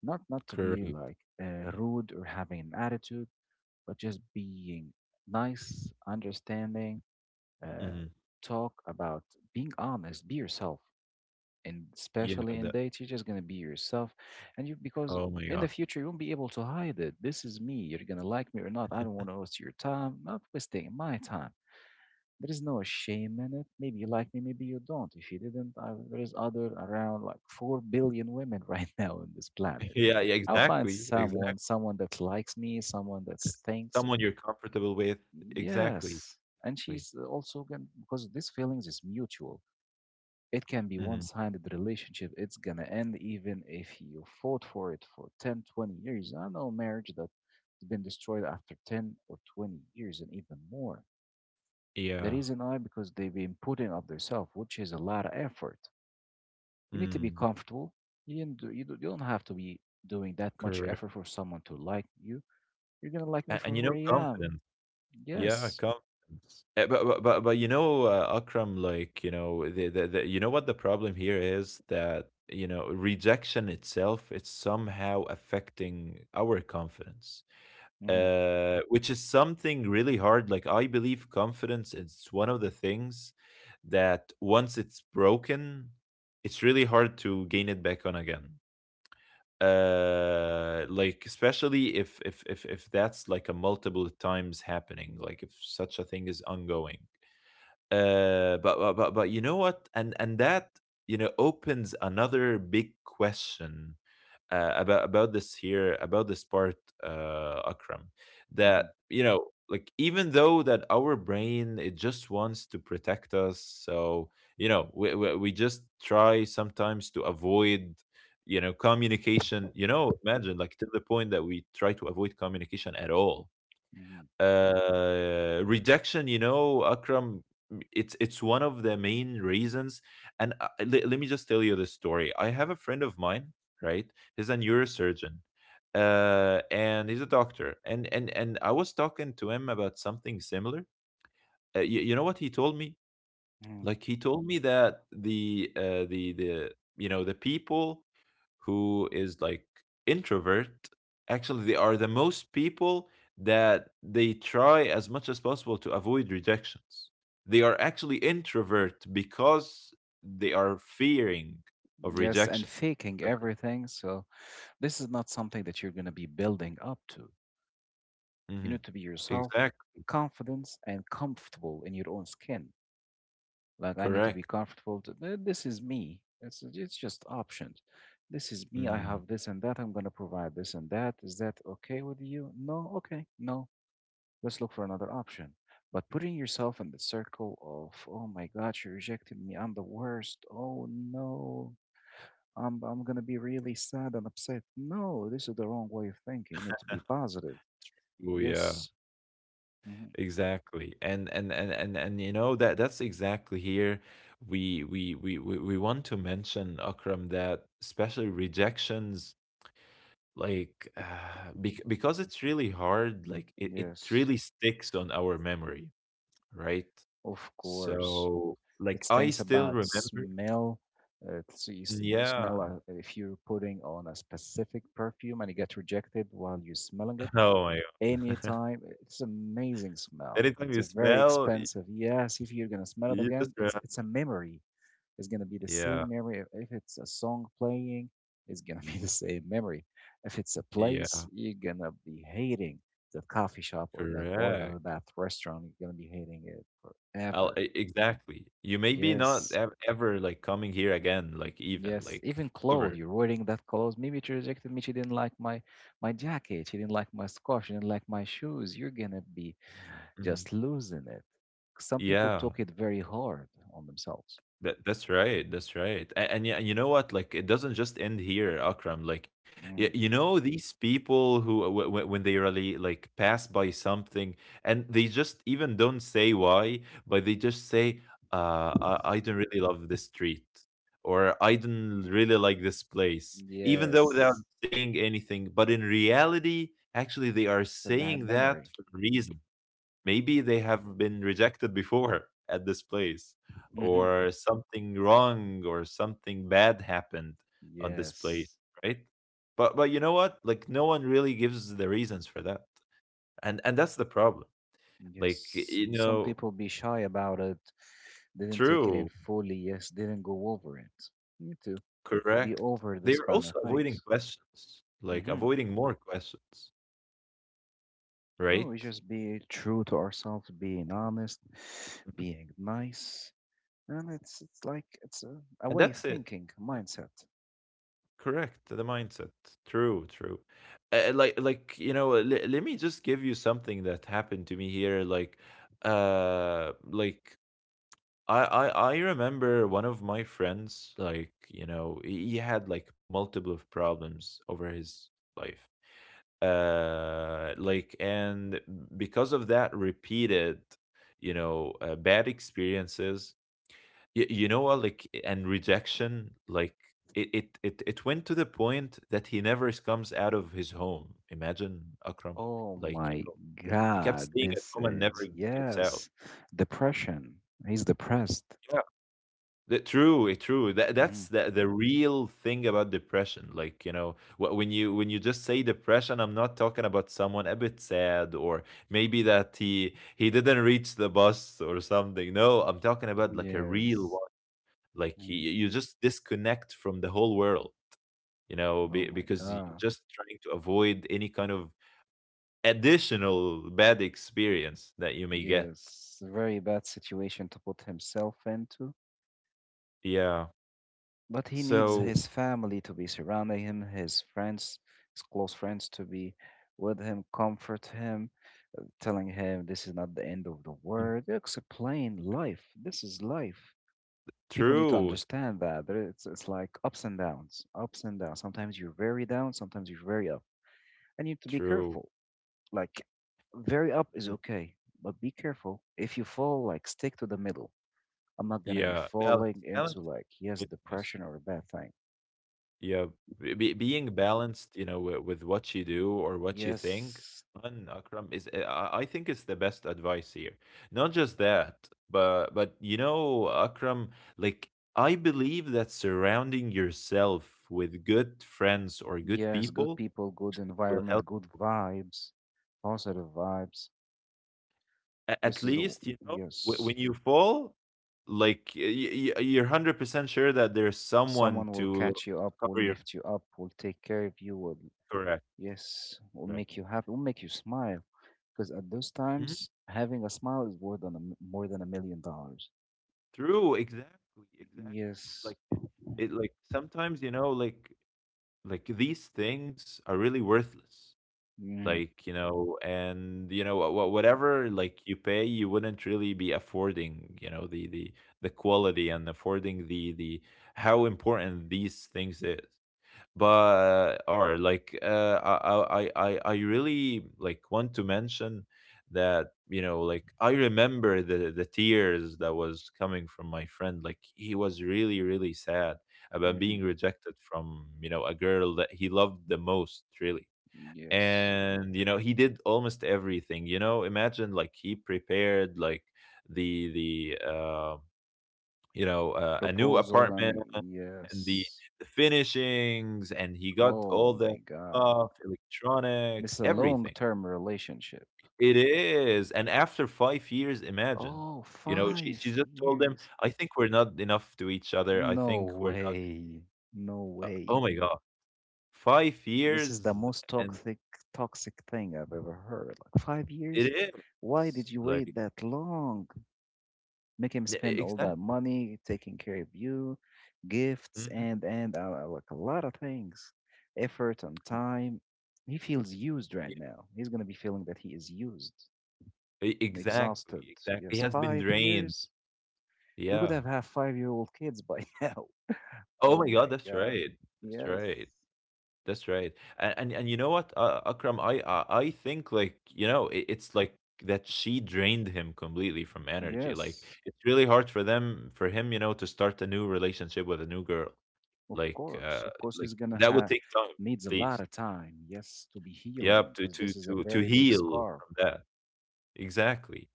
not to be correct. like rude or having an attitude, but just being nice, understanding. Uh, Hmm. Talk about being honest, be yourself, and especially Yeah, in that. dates you're just gonna be yourself and you, because Oh in my the God. future you won't be able to hide it. This is me. You're gonna like me or not. I don't want to waste your time, I'm not wasting my time. There is no shame in it. Maybe you like me, maybe you don't. If you didn't there is other around like 4 billion women <laughs> right now on this <laughs> planet. Yeah, yeah, I'll find exactly, exactly. someone, someone that likes me, someone that thinks, Someone you're comfortable with. Exactly. yes, and Exactly. she's also going because these feelings is mutual. It can be Mhm. one-sided relationship. It's gonna end even if you fought for it for 10, 20 years. I know marriage that's been destroyed after 10 or 20 years and even more. The Yeah. reason I because they've been putting up themselves, which is a lot of effort. You need to be Mm. comfortable. You didn't do, you, do, You don't have to be doing that much Correct. effort for someone to like you. You're gonna like me And, for and you who know, I am. confidence. Yeah, Yes. confidence. But you know, Akram, like you know, the you know what the problem here is that, you know, rejection itself it's somehow affecting our confidence. Hmm. Which is something really hard. Like I believe confidence is one of the things that once it's broken, it's really hard to gain it back on again. Like especially if that's like a multiple times happening, like if such a thing is ongoing. But you know what? And that, you know, opens another big question, about this here, about this part, Akram, that Hmm. you know, like even though that our brain it just wants to protect us, so you know we just try sometimes to avoid, you know, communication. You know, imagine, like, to the point that we try to avoid communication at all. Hmm. Uh, rejection, you know, Akram, it's one of the main reasons. And let me just tell you this story. I have a friend of mine, right? He's a neurosurgeon, and he's a doctor. And I was talking to him about something similar. You know what he told me? Hmm. Like he told me that the you know, the people who is like introvert, actually they are the most people that they try as much as possible to avoid rejections. They are actually introvert because they are fearing of Yes, and rejection. faking everything. So this is not something that you're going to be building up to. You Hmm. need to be yourself, Exactly. confidence, and comfortable in your own skin. Like, I need to be Correct. comfortable. To, this is me. It's just options. This is me. I Mm. have this and that. I'm going to provide this and that. Is that okay with you? No? Okay. No. Let's look for another option. But putting yourself in the circle of, oh my God, she rejected me. I'm the worst. Oh no. I'm going to be really sad and upset. No, this is the wrong way of thinking. You need to be positive. Oh yeah. Yes. Hmm. Exactly. And you know that that's exactly here we want to mention, Akram, that especially rejections, like because it's really hard, like it Yes. really sticks on our memory, right? Of course. So like It's I things still about remember. smell. You Yeah. smell, if you're putting on a specific perfume and you get rejected while you're smelling <laughs> it. Oh my God. Anytime, it's amazing <laughs> smell. Anytime It's you a very smell expensive. Yes, if you're gonna smell it you just again, it's remember. it's a memory. It's gonna be the Yeah. same memory. If it's a song playing, it's gonna be the same memory. If it's a place, Yeah. you're gonna be hating that coffee shop or that bar Correct. or that restaurant. You're gonna be hating it forever. Exactly, you may be not Yes. Ever like coming here again, like even Yes, like even clothes. ever. You're wearing that clothes. Maybe she rejected me. She didn't like my jacket. She didn't like my scarf. She didn't like my shoes. You're gonna be Mhm. just losing it. Some people Yeah. took it very hard on themselves. That, that's right. That's right. And yeah, you know what? Like it doesn't just end here, Akram. Like Mm. you know, these people who, when they really like pass by something and they just even don't say why, but they just say, I don't really love this street, or I don't really like this place, even though without Yes, saying anything. But in reality, actually, they are it's a saying bad that memory. for a reason. Maybe they have been rejected before <laughs> at this place, Mm-hmm. or something wrong or something bad happened on this place, Yes. right? But you know what, like no one really gives the reasons for that, and that's the problem, like Yes. you Some know. people be shy about it, didn't take it in True. fully, yes, didn't go over it. You need to be Correct. over this They're kind of also avoiding things. questions, like Mm-hmm. avoiding more questions, No, we right? just be true to ourselves, being honest, being nice. And it's a And way of that's it. thinking, Yeah. mindset. Correct, the mindset. True, true. You know, let me just give you something that happened to me here, like uh like I remember one of my friends, like you know, he had like multiple of problems over his life, like and because of that repeated, you know, bad experiences. You know what, like and rejection, like it went to the point that he never comes out of his home. Imagine, Akram, Oh like you my know, he kept God, staying at this home and never is gets out. yes. Depression. He's depressed. Yeah, true that, Mm-hmm. that's the real thing about depression, like you know, when you, when you just say depression, I'm not talking about someone a bit sad, or maybe that he didn't reach the bus or something. No, I'm talking Mm-hmm. about like a real Yes. one. Like Mm-hmm. you just disconnect from the whole world. You know, Oh my because you're God. just trying to avoid any kind of additional bad experience that you may get. Yes, a very bad situation to put himself into. Yeah. But he needs So. his family to be surrounding him, his friends, his close friends to be with him, comfort him, telling him this is not the end of the Mm. world. Explain life. This is life. People need to True, understand that. There- It's like ups and downs, ups and downs. Sometimes you're very down, sometimes you're very up. And you need to be true. careful. Like, very up is Mm. okay, but be careful. If you fall, like, stick to the middle. I'm not gonna be Yeah. falling Balance, into balance like yes, is depression nice. or a bad thing. Yeah, being balanced, you know, with what you do or what you think. Yes, And Akram is, I think it's the best advice here. Not just that, but you know, Akram, like I believe that surrounding yourself with good friends or good yes, good people people, good will help. environment, good vibes, positive vibes. At This is the w- least, you know, yes. when you fall, like you're 100% sure that there's someone Someone will to catch you up, will cover your. lift you up, will take care of you, will Correct, yes, will correct. make you happy, will make you smile. Because at those times, having a smile is more than a, m- more than $1 million. True, exactly, exactly. Yes. Like it like sometimes, you know, like these things are really worthless. Mm-hmm. Like, you know, and you know, whatever like you pay, you wouldn't really be affording, you know, the quality, and affording the how important these things is. But or like, I really like want to mention that, you know, like I remember the tears that was coming from my friend. Like he was really really sad about Mm-hmm. being rejected from, you know, a girl that he loved the most, really. Yes. And you know, he did almost everything. You know, imagine, like, he prepared like the the you know, a new Proposal apartment and and yes. the finishings, and he got Oh all the my God. stuff, electronics, It's a everything. long-term relationship. It is. And after 5 years, imagine. Oh, You know, five she just told him, years. "I think we're not enough to each other. I No think we're not." way. No Uh, way. oh my god. 5 This is the years. most And toxic thing I've ever heard. Like 5 years? it Why is. did you Like e wait that long? Make him spend all that exactly. money taking care of you, gifts Mhm. and like a lot of things, effort and time. He feels used Yeah. right now. He's gonna be feeling that he is used. E And exhausted. exactly, exactly. He Yes, has been five drained. years. We could Yeah. have had five-year-old kids by <laughs> now. Oh Oh my god, my that's God. right. That's Yes. right. That's right. And you know what, Akram, I think, like you know, Mm. It's like that she drained him completely from energy. Like Yes. it's really hard for them for him, you know, to start a new relationship with a new girl. Of Like course. Of course, he's gonna that would have take time, needs a at lot least. of time. Yes, to be healing Yep, to because this is a very big heal scar. from that. Exactly.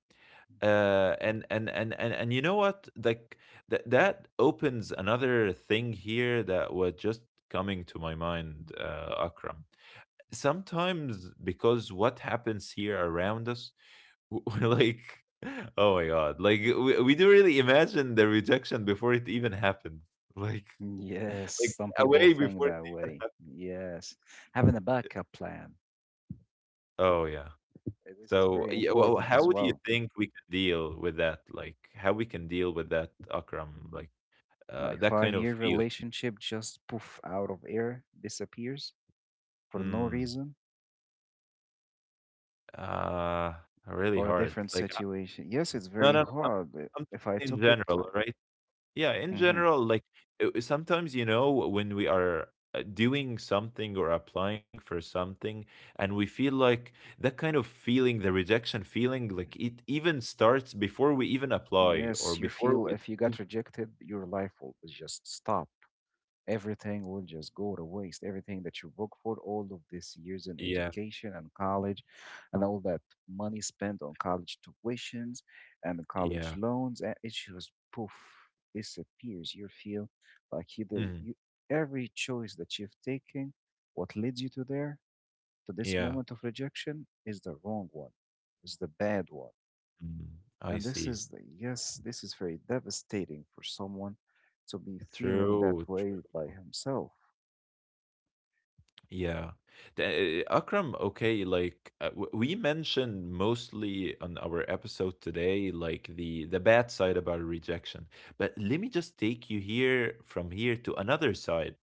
And you know what? Like that opens another thing here that was just coming to my mind, Akram, sometimes, because what happens here around us, <laughs> we're like, oh my god, like we do really imagine the rejection before it even happened. <laughs> like Yes, like, some people away think before. that way. Yes, having a backup plan. Oh yeah. This is So very yeah, well, important as how do you well. think we can deal with that? Like how we can deal with that, Akram? Like Like that kind five of year feeling. relationship just poof out of air, disappears for no mm, reason. uh really Or a hard, different like situation. Yes, it's no very no, hard. I'm If I talking in took it general, like, right? Yeah, in hmm, general, like sometimes, you know, when we are doing something or applying for something, and we feel like that kind of feeling, the rejection feeling, like it even starts before we even apply or yes, you before feel we. if you got ev- rejected, your life will just stop. Everything will just go to waste. Everything that you work for, all of these years in Yeah, education and college, and all that money spent on college tuitions and college yeah, loans, and it just poof disappears. You feel like mm, you, every choice that you've taken, what leads you to there. So this yeah. moment of rejection is the wrong one, is the bad one. Mm, I And this see. is, the- yes, this is very devastating for someone to be feeling that True. way by himself. Yeah. Uh, Akram, okay, like we mentioned mostly on our episode today, like the bad side about rejection. But let me just take you here from here to another side.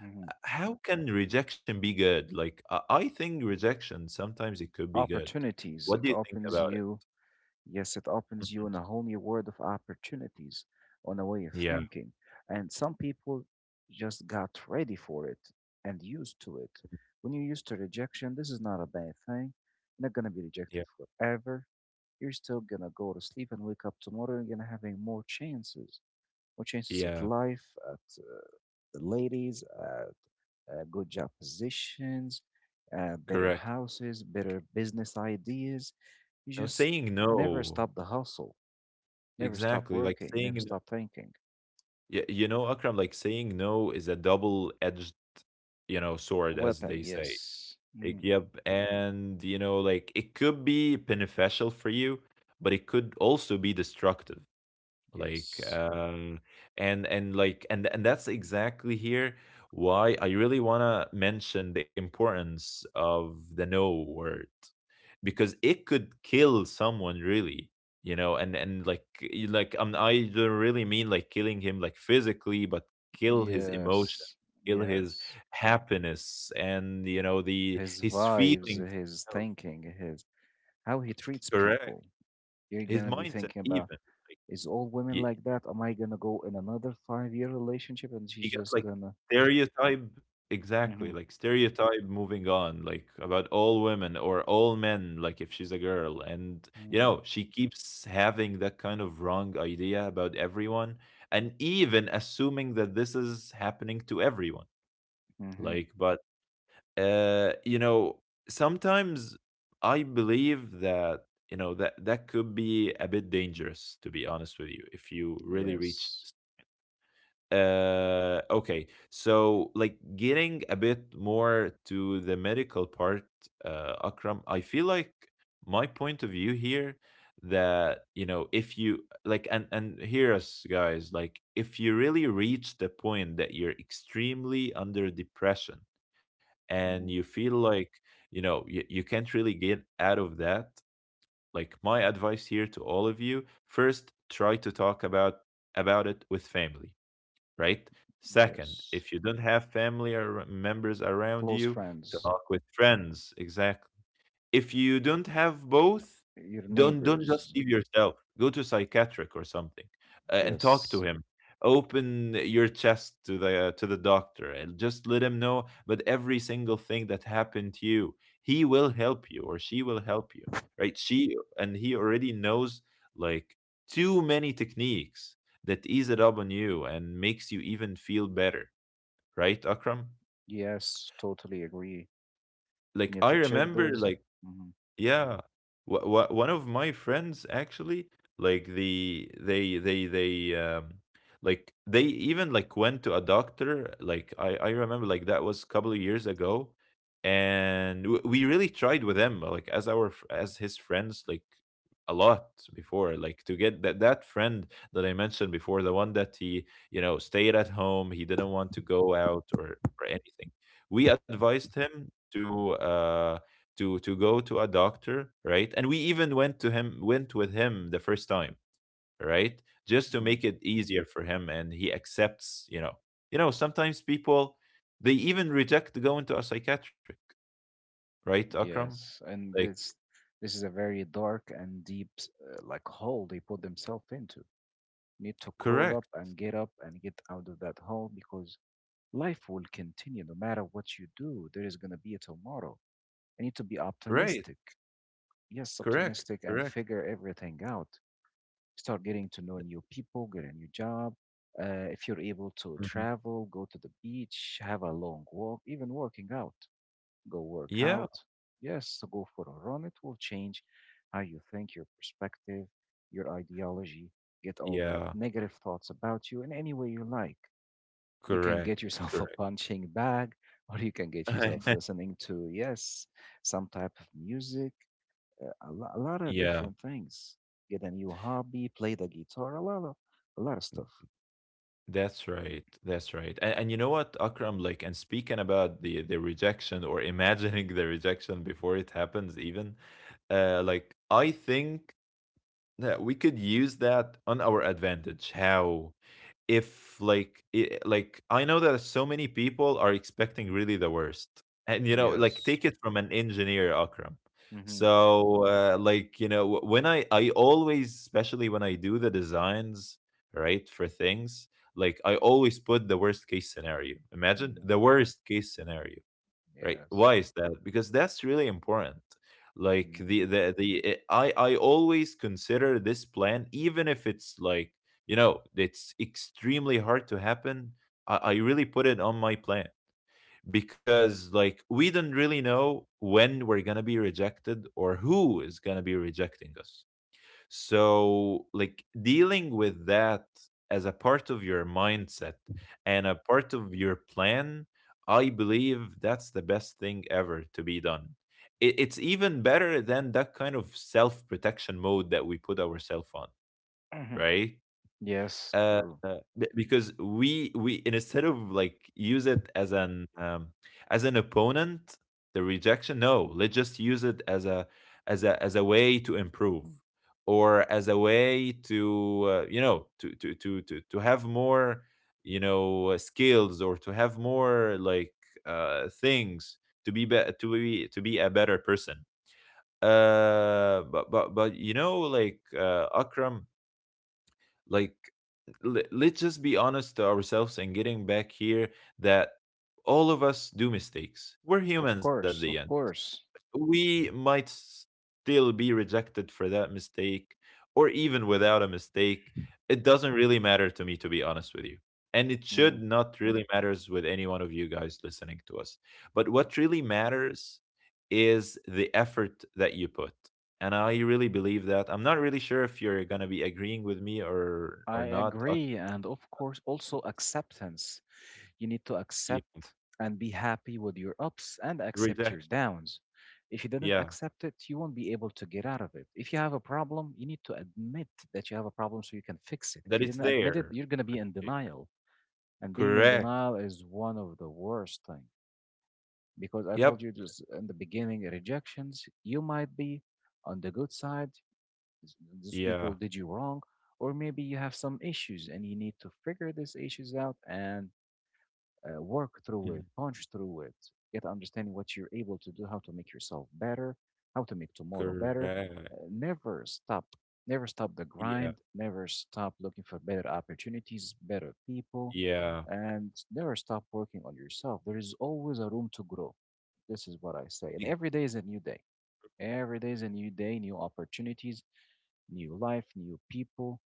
Mhm. How can rejection be good? Like I think rejection sometimes it could be good. Opportunities, What it do you think opens about it? you. Yes, it opens you Mhm. in a whole new world of opportunities, on a way of Yeah, thinking. And some people just got ready for it and used to it. When you're used to rejection, this is not a bad thing. You're not going to be yeah, rejected forever. You're still going to go to sleep and wake up tomorrow and going to having more chances at yeah. life, at the ladies, good job positions, better Correct. houses, better business ideas. You No, just saying never no, stop the hustle, never stop exactly. Like working, saying never no. stop thinking. Yeah, you know, Akram, like saying no is a double-edged, you know, sword, as Weapon, they say. yes. Like, Mhm. yep. And, you know, like it could be beneficial for you, but it could also be destructive. Like, Yes. And that's exactly here why I really want to mention the importance of the no word, because it could kill someone really, you know, and like like I don't really mean like killing him like physically, but kill his emotion, Yes. kill his Yes. happiness and, you know, the His his vibes, feelings his of- thinking, his how he treats correct, people. You're his gonna be mindset thinking about even, like, is all women y- like that? Am I gonna go in another 5 year relationship and she's he got just like gonna? stereotype, Mm-hmm, exactly, like stereotype moving on, like about all women or all men, like if she's a girl. And you mm-hmm, know, she keeps having that kind of wrong idea about everyone and even assuming that this is happening to everyone. Mm-hmm. Like, but you know, sometimes I believe that, you know, that could be a bit dangerous, to be honest with you, if you really reach, Yes. Okay, so like getting a bit more to the medical part. Akram, I feel like my point of view here, that you know, if you like, and hear us guys, like if you really reach the point that you're extremely under depression and you Mm-hmm. feel like, you know, you can't really get out of that. Like my advice here to all of you: first, try to talk about it with family, right? Second, Yes. if you don't have family or members around Close you, friends, talk with friends. Exactly. If you don't have both, your don't just neighbors. leave yourself. Go to psychiatric or something, and talk to Yes. him. Open your chest to the doctor and just let him know about every single thing that happened to you. He will help you or she will help you, right? She and he already knows like too many techniques that ease it up on you and makes you even feel better, right, Akram? Yes, totally agree. You Like need I to check remember this. like, Hmm. yeah. Wha wha one of my friends actually, like they like they even like went to a doctor. Like I remember, like that was a couple of years ago, and w we really tried with him, like as our as his friends, like a lot, before, like to get that friend that I mentioned before, the one that he, you know, stayed at home, he didn't want to go out or anything. We advised him to uh to go to a doctor, right? And we even went to him went with him the first time, right? Just to Hmm. make it easier for him, and he accepts, you know. You know, sometimes people, they even reject going to a psychiatric, right, Akram? Yes. Like And this is a very dark and deep like hole they put themselves into. You need to crawl correct. Up and get out of that hole because life will continue no matter what you do. There is going to be a tomorrow. I need to be Right. optimistic. Yes, Correct. optimistic and Correct. figure everything out. Start getting to know new people, get a new job. If you're able to Mhm. travel, go to the beach, have a long walk, even working out, go work Yeah. out. Yes, so go for a run. It will change how you think, your perspective, your ideology, get all that Yeah. negative thoughts about you in any way you like. You can get Correct. yourself <laughs> a Correct. punching bag, or you can get yourself <laughs> listening to, yes, some type of music, a lot of Yeah. different things. Get a new hobby, play the guitar, a lot of stuff. That's right. That's right. And you know what, Akram, like, and speaking about the rejection or <laughs> imagining the rejection before it happens, even, like, I think that we could use that on our advantage. How? If like I like I know that so many people are expecting really the worst. And you know, like Yes. take it from an engineer, Akram. Mm-hmm. So like you know, when I always, especially when I do the designs, right, for things, like I always put the worst case scenario. Imagine Mm-hmm. the worst case scenario, right? Yes. Why is that? Because that's really important. Like Mm. the I always consider this plan, even if it's like, you know, it's extremely hard to happen, I really put it on my plan. Because like we don't really know when we're gonna be rejected or who is gonna be rejecting us. So, like dealing with that as a part of your mindset and a part of your plan, I believe that's the best thing ever to be done. It's even better than that kind of self protection mode that we put ourselves on, Mhm. right? Yes, true. B because we, instead of like, use it as an opponent, the rejection. No, let's just use it as a, as a, as a way to improve, or as a way to, you know, to have more, you know, skills, or to have more like, things to be to be to be a better person. But you know like, Akram, like, let's just be honest to ourselves and getting back here, that all of us do mistakes, we're Of humans at the course, end. of course. We might still be rejected for that mistake, or even without a mistake. It doesn't really matter to me, to be honest with you, and it Mm. should not really matters with any one of you guys listening to us. But what really matters is the effort that you put. And I really believe that, I'm not really sure if you're going to be agreeing with me or I not. Agree, and of course, also acceptance. You need to Yeah, accept and be happy with your ups and accept rejection, your downs. If you didn't yeah, accept it, you won't be able to get out of it. If you have a problem, you need to admit that you have a problem so you can fix it. If that you it's didn't admit it, there, you're going to be in denial. And being in correct, denial is one of the worst things. Because I told yep, you just in the beginning, rejections, you might be on the good side. S- Those yeah. people did you wrong, or maybe you have some issues and you need to figure these issues out and work through it, Mm-hmm. punch through it, get understanding what you're able to do, how to make yourself better, how to make tomorrow better. Correct. Never stop, never stop the Yeah. grind, never stop looking for better opportunities, better people, Yeah. and never stop working on yourself. There is always a room to grow. This is what I say. E- And every day is a new day. Every day is a new day, new opportunities, new life, new people.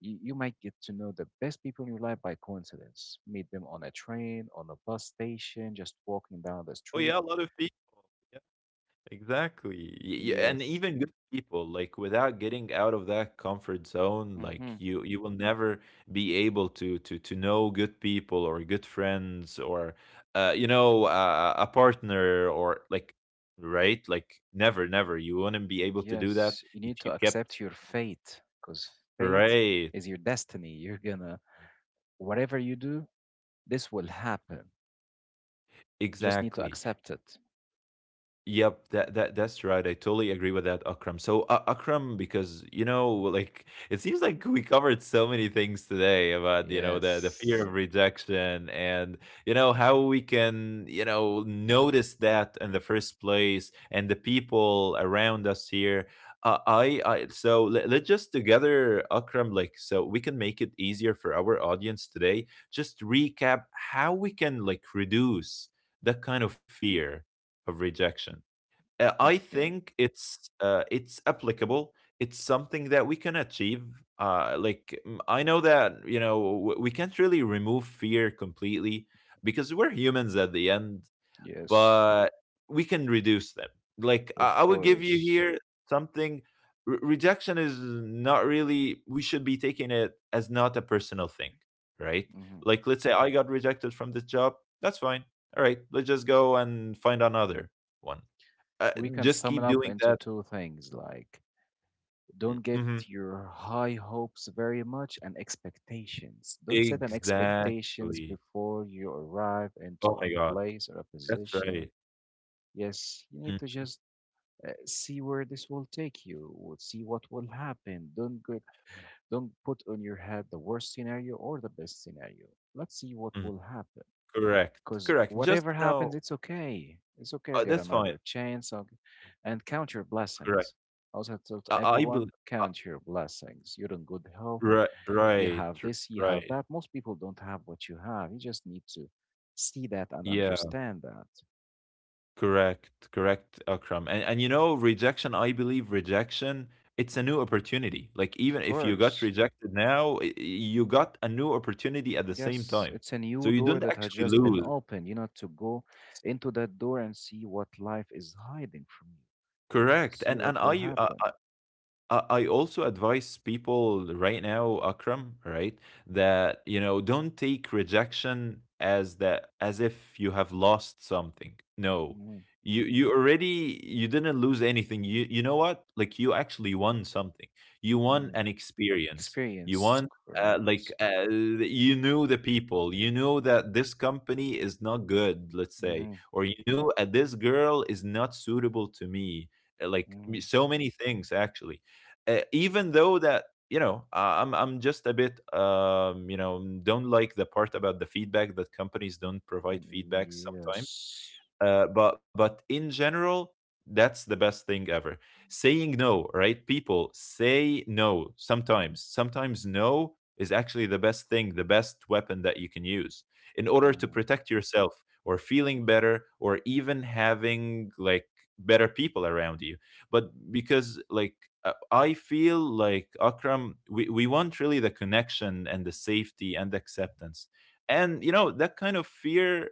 You might get to know the best people in your life by coincidence. Meet them on a train, on a bus station, just walking down the Oh, street. yeah. A lot of people. Yeah. Exactly. Y- y- And Yes. even good people, like without getting out of that comfort zone, Mm-hmm. like you will never be able to to know good people or good friends, or you know, a partner, or like, right? Like never, never. You wouldn't be able to do that Yes, you if need you to kept, accept your fate because fate right. is your destiny. <laughs> You're gonna, whatever you do, this will happen. You just need to Exactly. accept it. Yep, that's right. I totally agree with that, Akram. So, Akram, because you know, like it seems like we covered so many things today about, you know, the fear Yes. of rejection, and you know how we can, you know, notice that in the first place and the people around us here. I so let's just together, Akram, like so we can make it easier for our audience today. Just recap how we can like reduce that kind of fear of rejection. I Okay. think it's applicable. It's something that we can achieve. Like mm, I know that you know we can't really remove fear completely, because we're humans at the end, Yes. but we can reduce them. Like Of I would give you course. here something. Rejection is not really. We should be taking it as not a personal thing, right? Hmm. Like let's say I got rejected from this job. That's fine. All right, let's just go and find another one. uh, We can just sum it keep up doing into that. two things like Mm, don't get mhm. your high hopes very much and expectations. Don't set an expectations Exactly. before you arrive into Oh my a god. place or a That's position. right. Yes, you Mm, need to just see where this will take you, w- see what will happen. Don't get, don't put on your head the worst scenario or the best scenario. Let's see what mm. will happen. Correct. Because Correct. Just, whatever you happens, know, it's okay. It's okay get that's fine. another chance and count your Correct. blessings. Also, I tell I, to I bel everyone, uh, count your blessings. You're in good health. right, You right, have this, you have right. that. Most people don't have what you have. You just need to see that and Yeah. understand that. Correct. Correct, Akram. And you know, rejection, I believe, rejection, it's a new opportunity. Like even Of if you got course. rejected now, you got a new opportunity at the same Yes, time. it's a So new you door don't that has actually just been lose. opened. You know, to go into that door and see what life is hiding from you, Correct. see And what will happen. I also advise people right now, Akram, right, that you know, don't take rejection as that, as if you have lost something. No, Mhm, you already, you didn't lose anything. You know what? Like you actually won something. You won mhm. an experience. You Experience, won. Like correct. You knew the people, you know, that this company is not good, let's say, Mhm. or you knew, this girl is not suitable to me. Like Mm, so many things actually, even though that you know, I'm just a bit you know, don't like the part about the feedback, that companies don't provide mm. feedback sometimes. Yes. But in general, that's the best thing ever. Saying no, right? People say no sometimes. Sometimes no is actually the best thing, the best weapon that you can use in order to Mm. protect yourself, or feeling better, or even having like better people around you. But because like, I feel like, Akram, we want really the connection and the safety and acceptance. And you know, that kind of fear,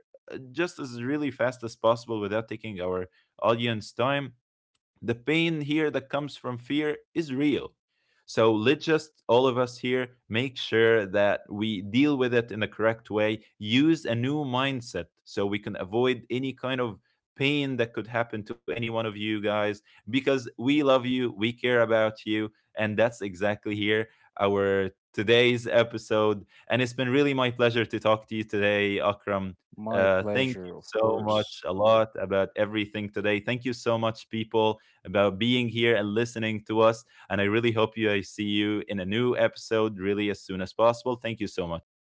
just as really fast as possible, without taking our audience time, the pain here that comes from fear is real. So let's just all of us here make sure that we deal with it in the correct way, use a new mindset so we can avoid any kind of pain that could happen to any one of you guys, because we love you, we care about you, and that's exactly here our today's episode. And it's been really my pleasure to talk to you today, Akram. My Thank you pleasure, of so course. much a lot about everything today. Thank you so much, people, about being here and listening to us. And I really hope you, I see you in a new episode really as soon as possible. Thank you so much.